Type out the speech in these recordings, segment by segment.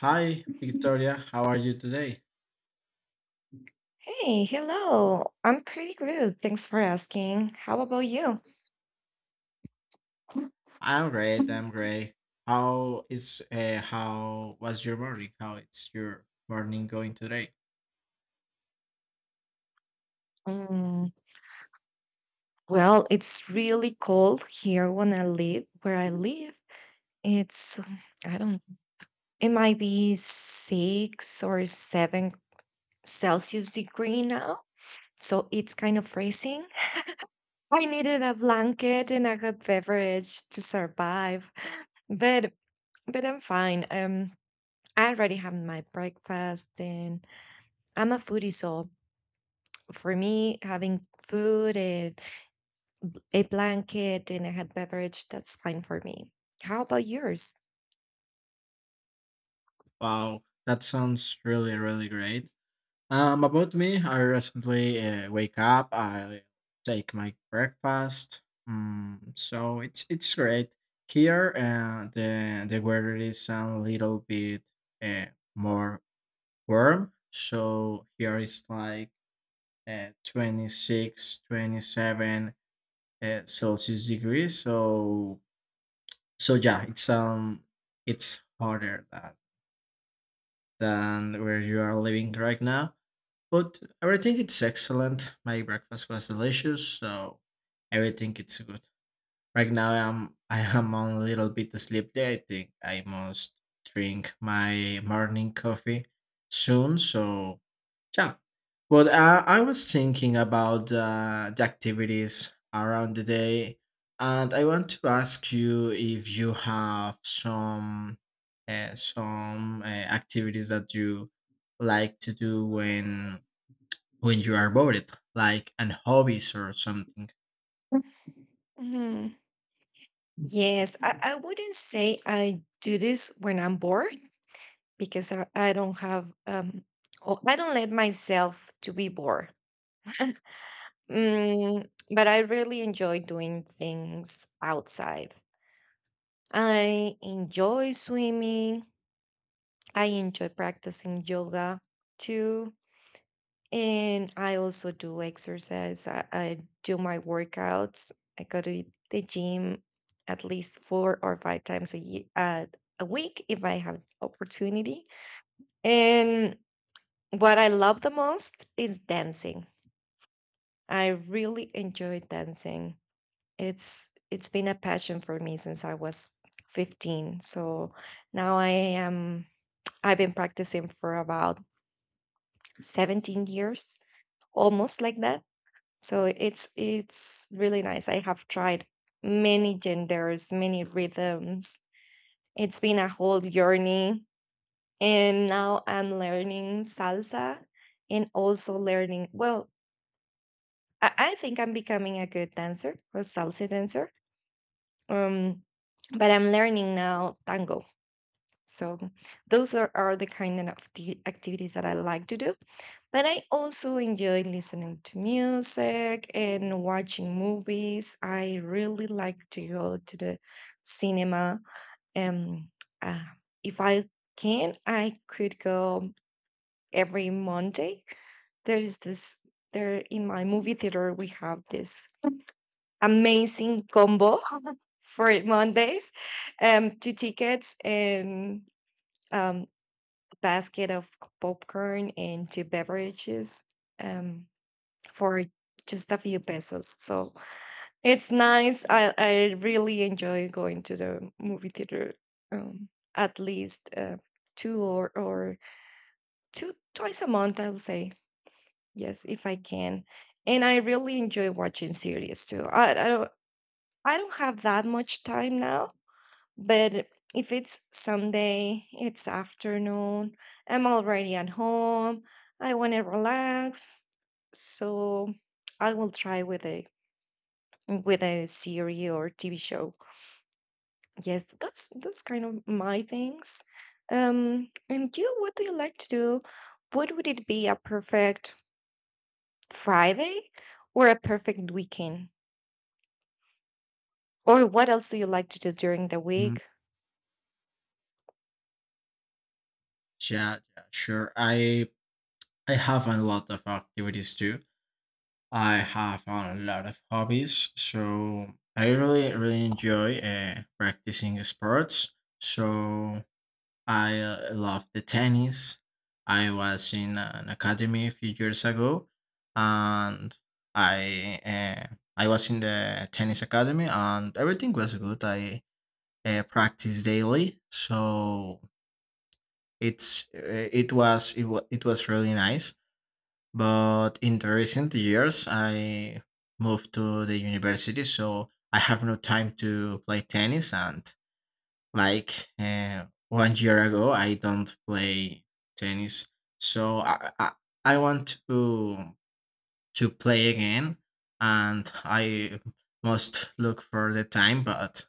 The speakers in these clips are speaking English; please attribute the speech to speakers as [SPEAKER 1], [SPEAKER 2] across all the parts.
[SPEAKER 1] Hi, Victoria. How are you today?
[SPEAKER 2] Hey, hello. I'm pretty good. Thanks for asking. How about you?
[SPEAKER 1] I'm great. I'm great. How was your morning? How is your morning going today?
[SPEAKER 2] Mm, well, it's really cold here where I live. It's, I don't, It might be six or seven Celsius degree now. So it's kind of freezing. I needed a blanket and a hot beverage to survive, but but I'm fine. I already had my breakfast, and I'm a foodie, so for me, having food and a blanket and a hot beverage, that's fine for me. How about yours?
[SPEAKER 1] Wow, that sounds really great. About me, I recently wake up. I take my breakfast. So it's great here. The weather is a little bit uh, more warm. So here is like 26 27 celsius degrees, so yeah, it's harder that than where you are living right now, but everything it's excellent. My breakfast was delicious, so everything it's good right now. I'm I am on a little bit sleepy. I think I must drink my morning coffee soon. So yeah, but I was thinking about the activities around the day, and I want to ask you if you have some activities that you like to do when you are bored, like an hobbies or something.
[SPEAKER 2] Hmm. Yes, I wouldn't say I do this when I'm bored because I don't have oh, I don't let myself to be bored. Mm, but I really enjoy doing things outside. I enjoy swimming. I enjoy practicing yoga too. And I also do exercise. I do my workouts. I go to the gym at least four or five times a year, a week if I have opportunity. And what I love the most is dancing. I really enjoy dancing. It's been a passion for me since I was 15. So now I've been practicing for about 17 years, almost like that. So it's really nice. I have tried many genders, many rhythms. It's been a whole journey. And now I'm learning salsa, and also learning, well, I think I'm becoming a good dancer, a salsa dancer. Um, but I'm learning now tango. So those are the kind of activities that I like to do. But I also enjoy listening to music and watching movies. I really like to go to the cinema. Um, uh, if I can, I could go every Monday. There is this there in my movie theater. We have this amazing combo for Mondays, two tickets and um, basket of popcorn and two beverages, um, for just a few pesos. So it's nice. I really enjoy going to the movie theater, um, at least two or two twice a month, I'll say. Yes, if I can. And I really enjoy watching series too. I don't have that much time now, but if it's Sunday, it's afternoon, I'm already at home, I want to relax. So I will try with a series or TV show. Yes, that's kind of my things. And you, what do you like to do? What would it be a perfect Friday or a perfect weekend? Or what else do you like to do during the
[SPEAKER 1] Mm,
[SPEAKER 2] week?
[SPEAKER 1] Yeah, yeah, sure. I have a lot of activities too. I have a lot of hobbies, so I really enjoy practicing sports. So I love the tennis. I was in an academy a few years ago, and I uh, I was in the tennis academy, and everything was good. I practiced daily, so it's it was it, wa- it was really nice, but in the recent years, I moved to the university, so I have no time to play tennis. And like 1 year ago, I don't play tennis, so I want to play again, and I must look for the time, but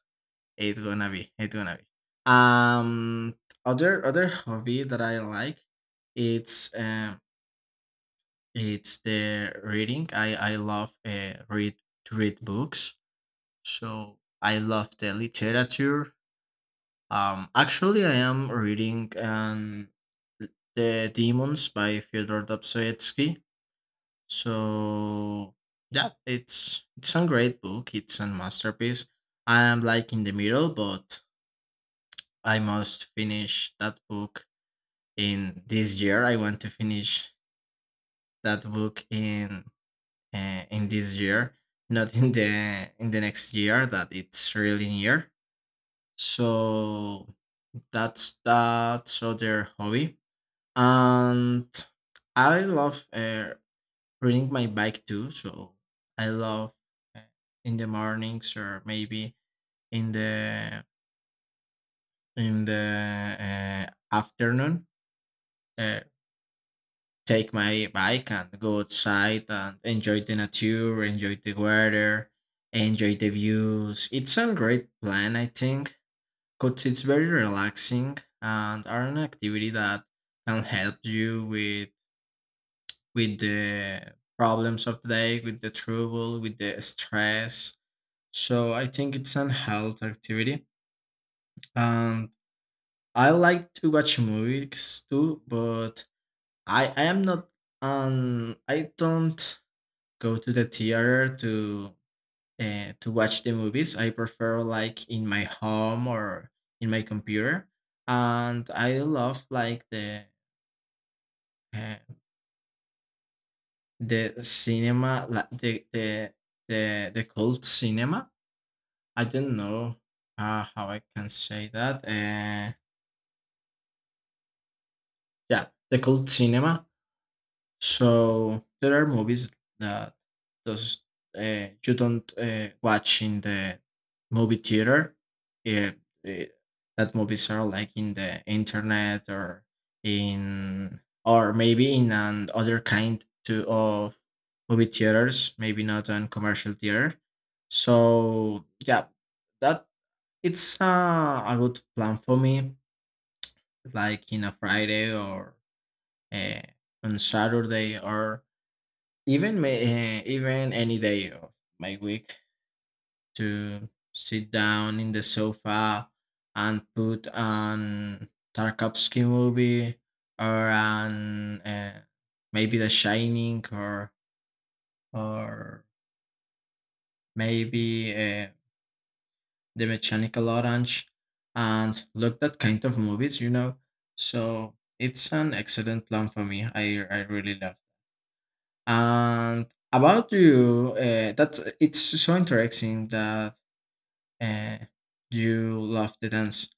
[SPEAKER 1] it's gonna be. Um, other hobby that I like, it's um it's the reading. I love read to read books, so I love the literature. Actually, I am reading the Demons by Fyodor Dostoevsky. So yeah, it's a great book. It's a masterpiece. I am like in the middle, but I must finish that book in this year. I want to finish that book in this year, not in the next year that it's really near. So that's other hobby, and I love riding my bike too. So I love uh, in the mornings or maybe in the afternoon. Uh, Take my bike and go outside and enjoy the nature, enjoy the weather, enjoy the views. It's a great plan, I think, because it's very relaxing and are an activity that can help you with the problems of the day, with the trouble, with the stress. So I think it's an health activity. And I like to watch movies too, but I am not I don't go to the theater to watch the movies. I prefer like in my home or in my computer, and I love like uh, the cinema, like the cult cinema. I don't know how I can say that. Yeah, the cult cinema. So there are movies that those you don't watch in the movie theater. Yeah, eh, that movies are like in the internet or in or maybe in an other kind to of movie theaters, maybe not on commercial theater. So yeah, that it's a good plan for me, like in a Friday or uh, on Saturday, or even even any day of my week to sit down in the sofa and put an Tarkovsky movie or an maybe The Shining, or or maybe The Mechanical Orange and look that kind of movies, you know. So it's an excellent plan for me. I really love. And about you, that's it's so interesting that Uh, you love the dance.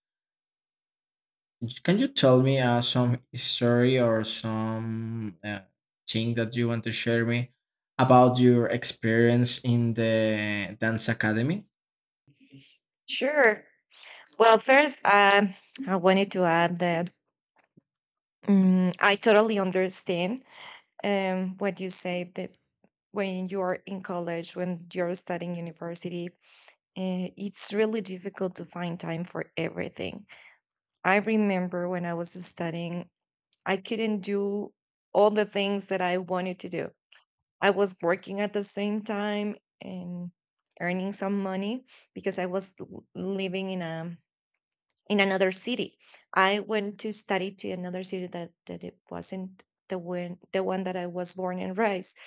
[SPEAKER 1] Can you tell me some story or some thing that you want to share me about your experience in the dance academy?
[SPEAKER 2] Sure. Well, first, I wanted to add that, I totally understand what you say, that when you are in college, when you're studying university, it's really difficult to find time for everything. I remember when I was studying, I couldn't do all the things that I wanted to do. I was working at the same time and earning some money because I was living in a in another city. I went to study to another city that it wasn't the one that I was born and raised.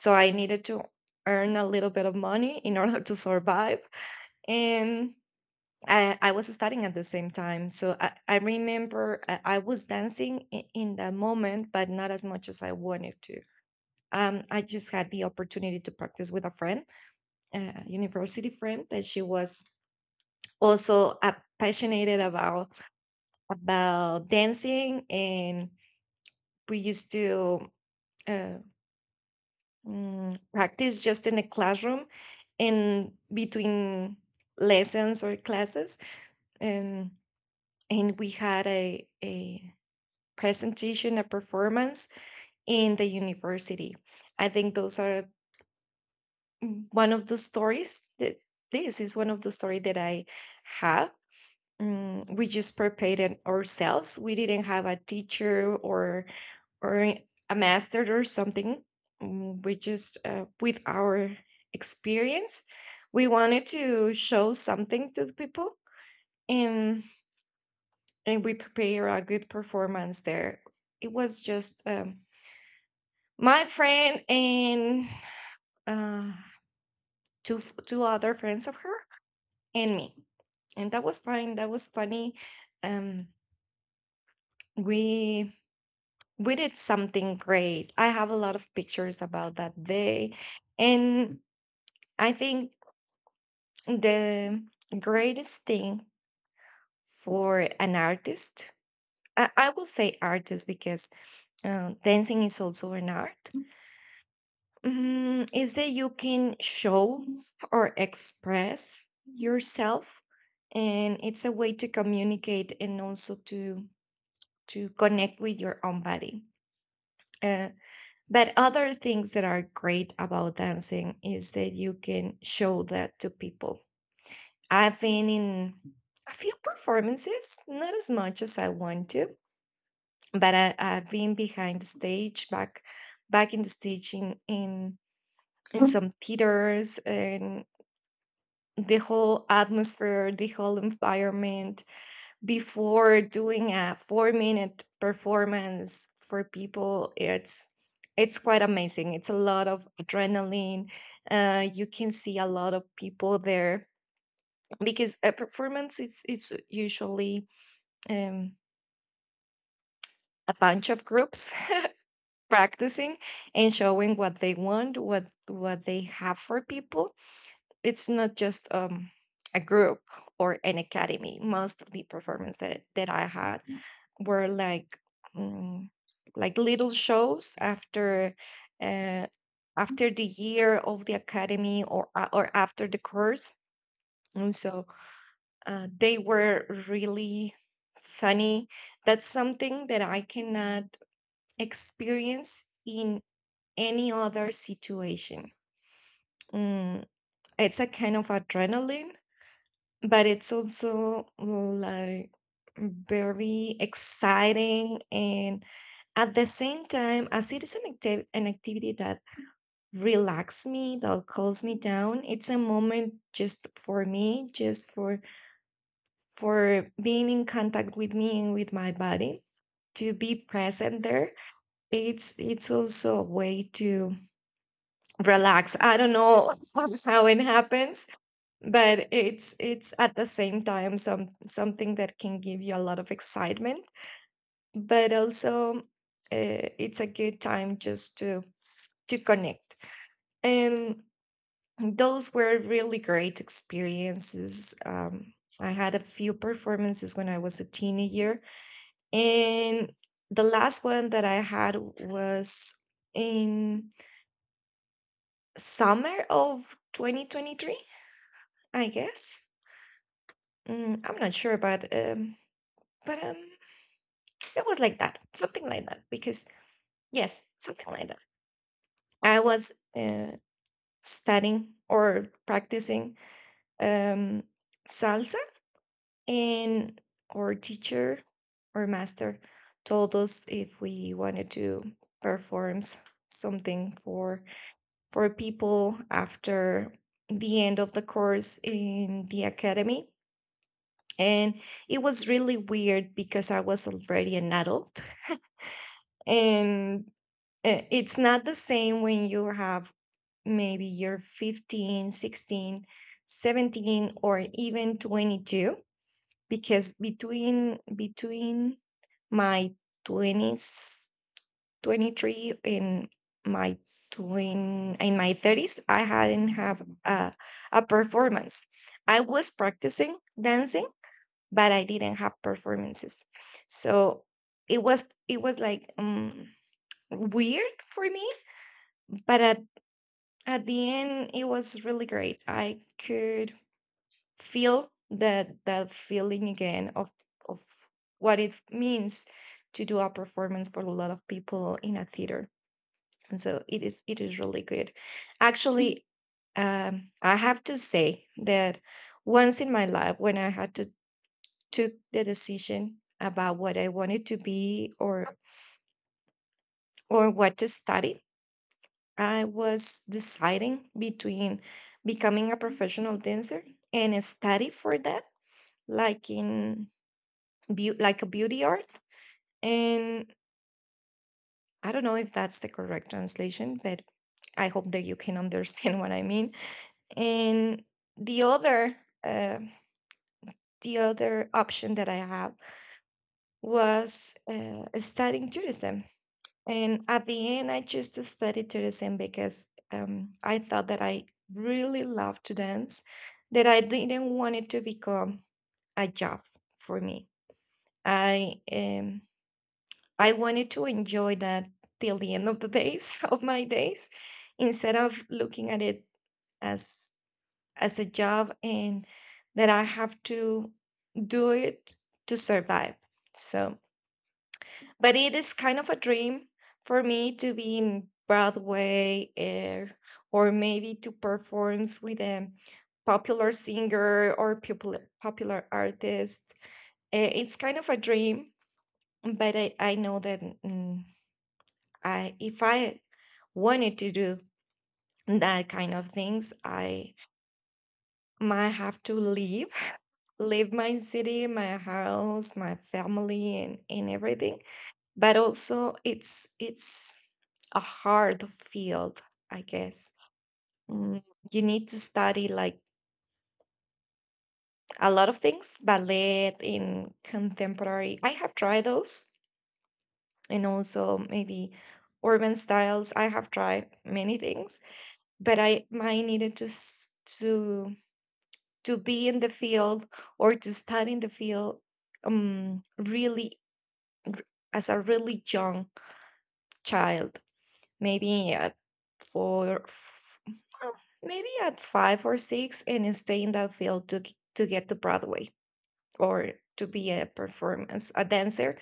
[SPEAKER 2] So I needed to earn a little bit of money in order to survive. And I was studying at the same time. So I remember I was dancing in that moment, but not as much as I wanted to. I just had the opportunity to practice with a friend, a university friend, that she was also passionate about dancing, and we used to uh, practice just in a classroom in between lessons or classes, and we had a presentation, a performance in the university. I think those are, one of the stories that, this is one of the story that I have. We just prepared it ourselves. We didn't have a teacher or or a master or something. We just, with our experience, we wanted to show something to the people, and we prepare a good performance there. It was just, my friend and, uh, two two other friends of her, and me. And that was fine, that was funny. Um we we did something great. I have a lot of pictures about that day. And I think the greatest thing for an artist, I will say artist because dancing is also an art, is that you can show or express yourself, and it's a way to communicate and also to connect with your own body. Uh, but other things that are great about dancing is that you can show that to people. I've been in a few performances, not as much as I want to, but I've been behind the stage, back in the stage in some theaters, and the whole atmosphere, the whole environment before doing a 4 minute performance for people, it's quite amazing. It's a lot of adrenaline. You can see a lot of people there because a performance is it's usually, um, a bunch of groups practicing and showing what they want, what they have for people. It's not just, a group or an academy. Most of the performance that I had were like, um, like little shows after. Uh, After the year of the academy, or or after the course, and so they were really funny. That's something that I cannot experience in any other situation. Mm, it's a kind of adrenaline, but it's also like very exciting, and at the same time, as it is an activity that relaxes me, that calms me down. It's a moment just for me, just for being in contact with me and with my body, to be present there. It's also a way to relax. I don't know how it happens, but it's at the same time something that can give you a lot of excitement, but also, it's a good time just to connect. And those were really great experiences. I had a few performances when I was a teenager, and the last one that I had was in summer of 2023, I guess. I'm not sure, but, but um, it was like that, something like that. Because yes, something like that. I was, studying or practicing, um, salsa, and our teacher or master told us if we wanted to perform something for people after the end of the course in the academy. And it was really weird because I was already an adult, and it's not the same when you have maybe you're 15, 16, 17, or even 22. Because between my 20s, 23, and my twin in my 30s, I hadn't have a performance. I was practicing dancing, but I didn't have performances. So it was like weird for me, but at the end it was really great. I could feel that that feeling again of of what it means to do a performance for a lot of people in a theater. And so it is really good. Actually, I have to say that once in my life when I had to took the decision about what I wanted to be, or what to study, I was deciding between becoming a professional dancer and study for that, like in like a beauty art. And I don't know if that's the correct translation, but I hope that you can understand what I mean. And the other, uh, the other option that I have was, studying tourism. And at the end, I chose to study tourism because, I thought that I really loved to dance, that I didn't want it to become a job for me. I um, I wanted to enjoy that till the end of the days of my days, instead of looking at it as a job and that I have to do it to survive. So but it is kind of a dream for me to be in Broadway, eh, or maybe to perform with a popular singer, or popular artist. It's kind of a dream, but I know that I if I wanted to do that kind of things, I might have to leave leave my city, my house, my family, and everything. But also it's a hard field, I guess. Mm, you need to study like a lot of things, ballet in contemporary, I have tried those, and also maybe urban styles, I have tried many things. But I needed to to to be in the field, or to study in the field, really as a really young child, maybe at four, f- well, maybe at five or six, and stay in that field to to get to Broadway, or to be a performance, a dancer,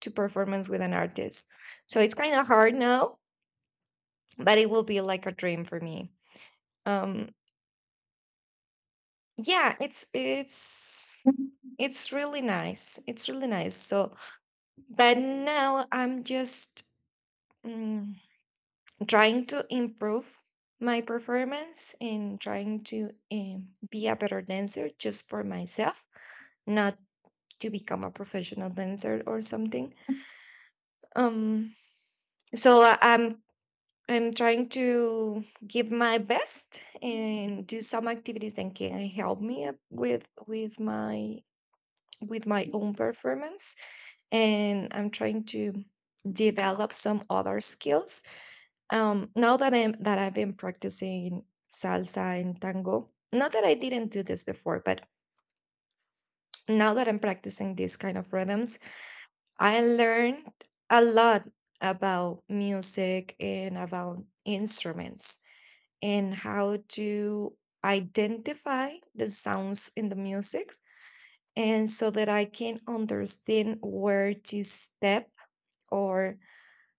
[SPEAKER 2] to performance with an artist. So it's kind of hard now, but it will be like a dream for me. Um, yeah, it's it's really nice. It's really nice. So, but now I'm just. Mm, trying to improve my performance and trying to be a better dancer just for myself, not to become a professional dancer or something. Um so I- i'm i'm trying to give my best and do some activities that can help me up with with my own performance, and I'm trying to develop some other skills. Now that I've been practicing salsa and tango, not that I didn't do this before, but now that I'm practicing these kind of rhythms, I learned a lot about music and about instruments, and how to identify the sounds in the music, and so that I can understand where to step or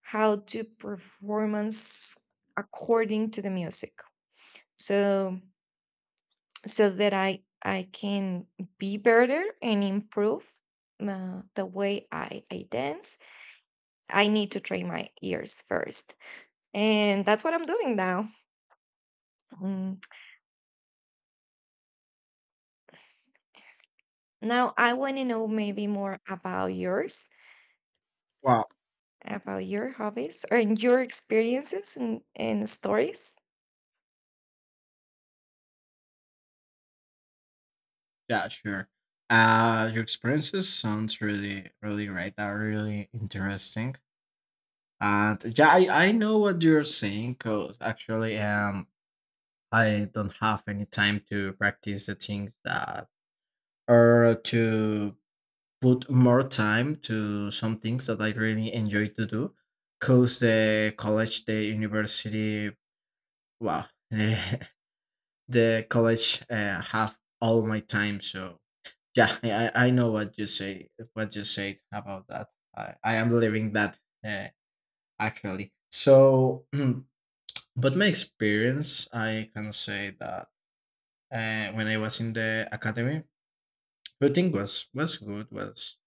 [SPEAKER 2] how to performance according to the music. So so that I can be better and improve the way I dance. I need to train my ears first. And that's what I'm doing now. Mm, now I want to know maybe more about yours,
[SPEAKER 1] Wow.
[SPEAKER 2] about your hobbies or and your experiences and stories
[SPEAKER 1] Yeah, sure. Your experiences sounds really, really great. Are really interesting. And yeah, I know what you're saying because actually, I don't have any time to practice the things that or to put more time to some things that I really enjoy to do. Cause the college, the university, wow, the college have all my time. So yeah, I know what you say. What you said about that. I am living that uh, actually. So, but my experience, I can say that when I was in the academy, everything was good. Was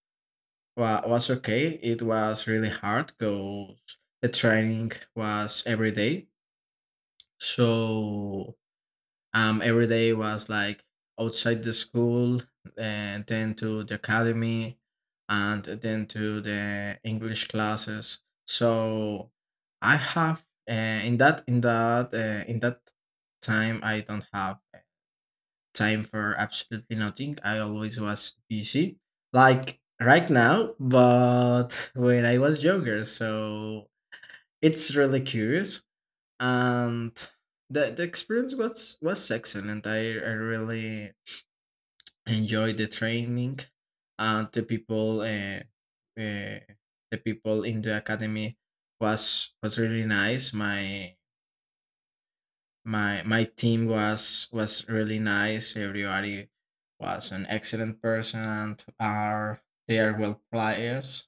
[SPEAKER 1] Well, was okay. It was really hard because the training was every day. So every day was like outside the school and then to the academy and then to the English classes. So I have uh, in that time I don't have time for absolutely nothing. I always was busy, like right now, but when I was younger. So it's really curious, and the experience was excellent. I really enjoyed the training, and uh, the people in the academy was really nice. My team was really nice. Everybody was an excellent person. Are they are well players,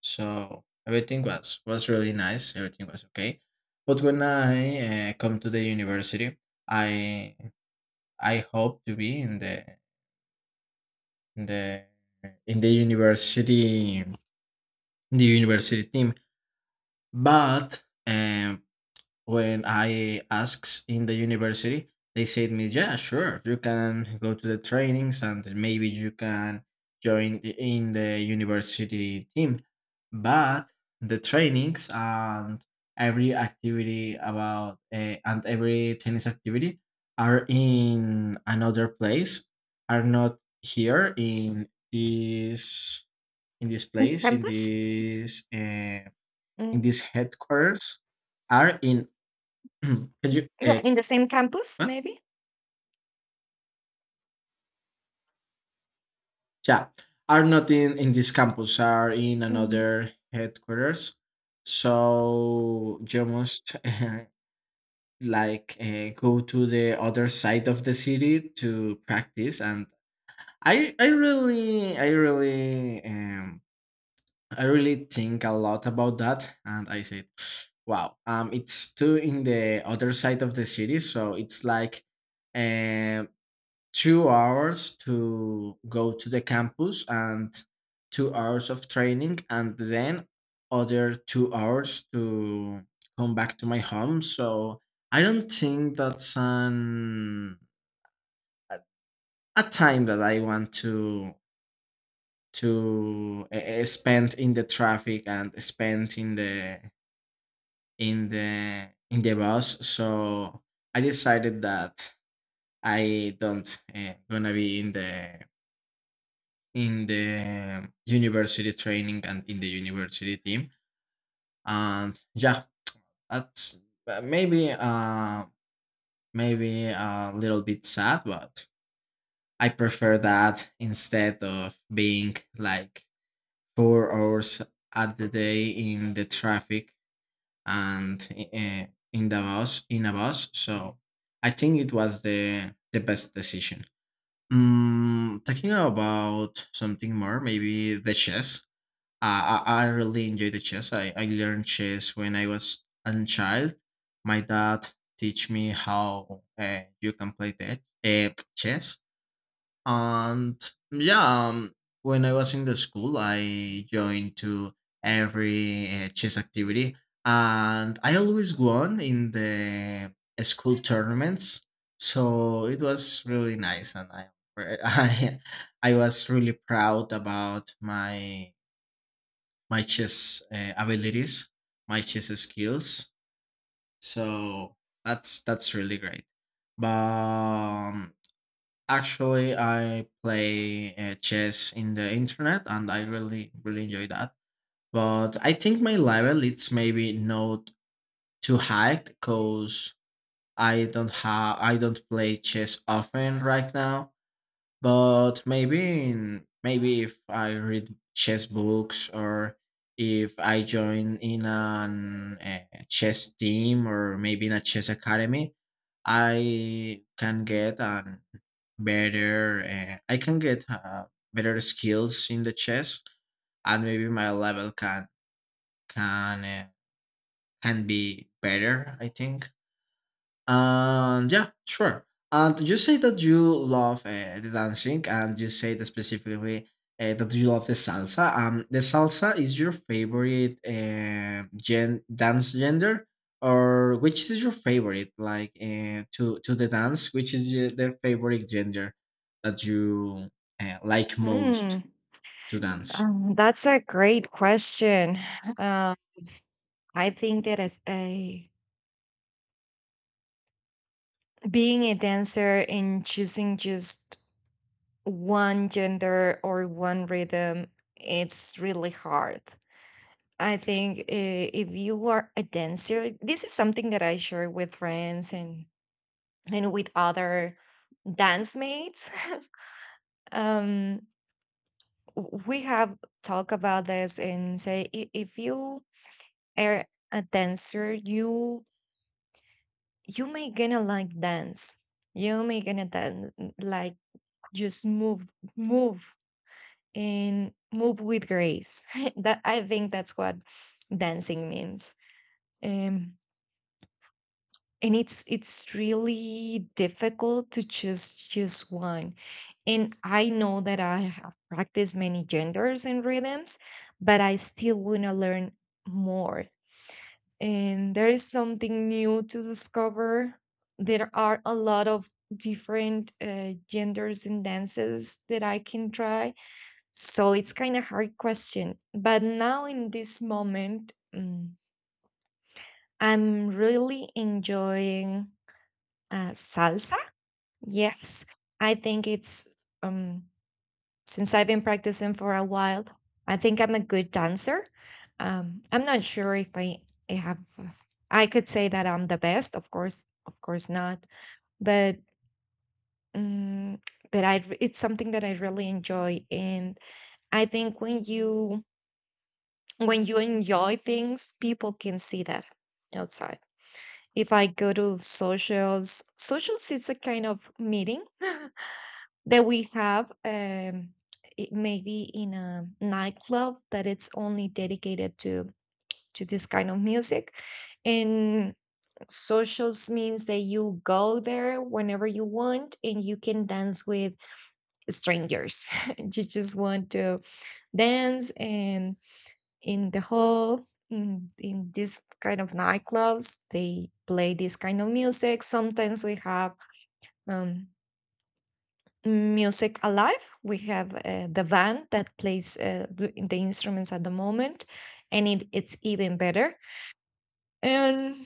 [SPEAKER 1] so everything was really nice. Everything was okay, but when I come to the university, i I hope to be in in the the university in the university team, but when I asked in the university, they said me, "Yeah, sure, you can go to the trainings and maybe you can join in the university team." But the trainings and every activity about and every tennis activity are in another place, are not here in this
[SPEAKER 2] on
[SPEAKER 1] place
[SPEAKER 2] campus.
[SPEAKER 1] in
[SPEAKER 2] Mm.
[SPEAKER 1] this headquarters are in Can you?
[SPEAKER 2] Yeah, in the same campus,
[SPEAKER 1] Huh?
[SPEAKER 2] maybe.
[SPEAKER 1] Yeah, are not in this campus. Are in
[SPEAKER 2] Mm.
[SPEAKER 1] another headquarters. So you must go to the other side of the city to practice. And I I really I really um I really think a lot about that. And I said, wow, it's too in the other side of the city. So it's like. um. 2 hours to go to the campus and 2 hours of training, and then other 2 hours to come back to my home. So I don't think that's an a a time that I want to spend in the traffic and spend in the in the in the bus. So I decided that I don't gonna be in the university training and in the university team. And yeah, that's uh, maybe uh maybe a little bit sad, but I prefer that instead of being like 4 hours at the day in the traffic and in the bus in a bus. So I think it was the best decision. Talking about something more, maybe the chess. I really enjoy the chess. I learned chess when I was a child. My dad teach me how you can play that chess. And yeah, when I was in the school, I joined to every chess activity, and I always won in the school tournaments. So it was really nice, and I I I was really proud about my chess abilities, my chess skills. So that's really great. But actually, I play chess in the internet, and I really enjoy that. But I think my level it's maybe not too high because I don't play chess often right now. But maybe if I read chess books, or if I join in an a chess team or maybe in a chess academy, I can get an better I can get better skills in the chess, and maybe my level can can uh, can be better, I think. And yeah, sure. And you say that you love the dancing, and you say that specifically that you love the salsa. The salsa is your favorite dance gender, or which is your favorite? Like to the dance, which is your, their favorite gender that you like most
[SPEAKER 2] Mm,
[SPEAKER 1] to dance?
[SPEAKER 2] that's a great question. Uh, I think that as a being a dancer and choosing just one gender or one rhythm, it's really hard. I think, if you are a dancer, this is something that I share with friends and with other dance mates. um we have talked about this and say, "I- "if you are a dancer, you may gonna like dance, you may gonna dance, like, just move, move, and move with grace." That I think that's what dancing means. Um, and it's really difficult to choose just one. And I know that I have practiced many genders and rhythms, but I still want to learn more. And there is something new to discover. There are a lot of different genders and dances that I can try, so it's kind of hard question. But now in this moment, I'm really enjoying salsa. Yes, I think it's um, since I've been practicing for a while, I think I'm a good dancer. I'm not sure if I have. I could say that I'm the best. Of course not. But mm but I, it's something that I really enjoy, and I think when you enjoy things, people can see that outside. If I go to socials, socials is a kind of meeting that we have, it maybe in a nightclub that it's only dedicated to this kind of music. And socials means that you go there whenever you want and you can dance with strangers. You just want to dance, and in the hall, in this kind of nightclubs, they play this kind of music. Sometimes we have um, music alive, we have the band that plays the instruments at the moment, and it's even better. And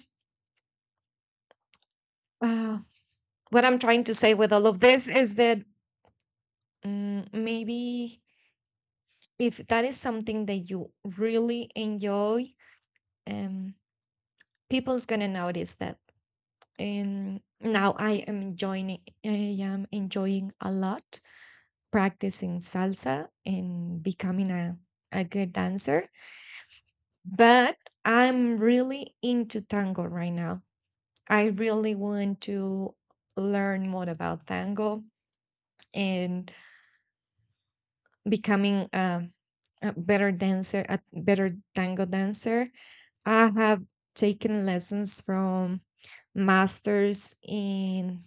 [SPEAKER 2] uh, what I'm trying to say with all of this is that, maybe if that is something that you really enjoy, um, people's gonna notice that. And now I am enjoying a lot practicing salsa and becoming a good dancer. But I'm really into tango right now. I really want to learn more about tango and becoming a better dancer, a better tango dancer. I have taken lessons from masters in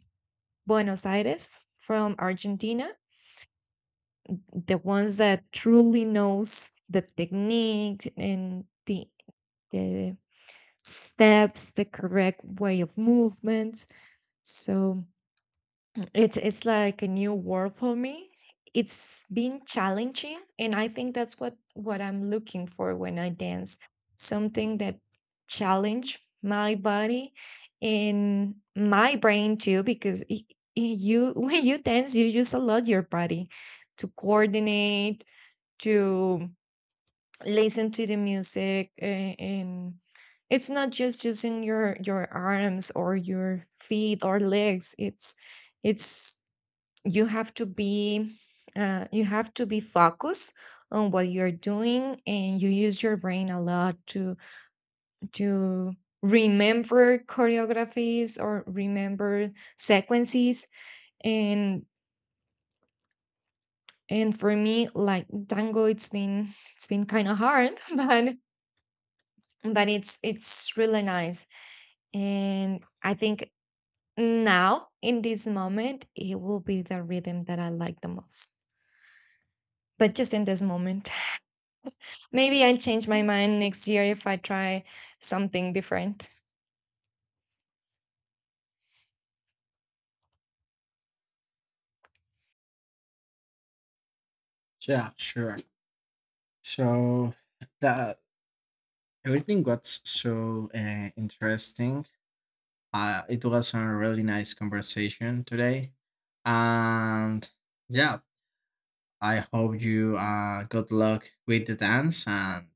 [SPEAKER 2] Buenos Aires from Argentina, the ones that truly knows the technique and the steps, the correct way of movements. So it's like a new world for me. It's been challenging, and I think that's what I'm looking for when I dance. Something that challenge my body and my brain too, because you when you dance, you use a lot your body to coordinate, to listen to the music, and it's not just using your arms or your feet or legs. It's you have to be you have to be focused on what you're doing, and you use your brain a lot to remember choreographies or remember sequences. and and for me, like tango, it's been kind of hard but but it's really nice. And I think now in this moment it will be the rhythm that I like the most, but just in this moment. Maybe I'll change my mind next year if I try something different.
[SPEAKER 1] Yeah, sure. So that everything got so interesting. It was a really nice conversation today. And yeah, I hope you good luck with the dance. And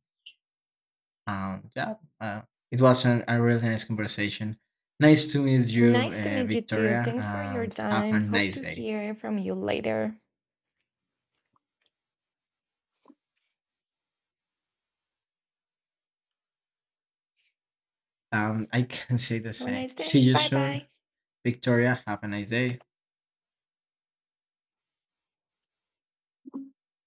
[SPEAKER 1] yeah, uh, it was a really nice conversation. Nice to meet you,
[SPEAKER 2] Nice to meet you too.
[SPEAKER 1] Victoria,
[SPEAKER 2] Thanks for your
[SPEAKER 1] and have a
[SPEAKER 2] time. Hope
[SPEAKER 1] nice
[SPEAKER 2] to
[SPEAKER 1] day.
[SPEAKER 2] hear from you later.
[SPEAKER 1] I can say the
[SPEAKER 2] Have a
[SPEAKER 1] same.
[SPEAKER 2] nice
[SPEAKER 1] See
[SPEAKER 2] day.
[SPEAKER 1] you
[SPEAKER 2] Bye
[SPEAKER 1] soon,
[SPEAKER 2] bye.
[SPEAKER 1] Victoria. Have a nice day.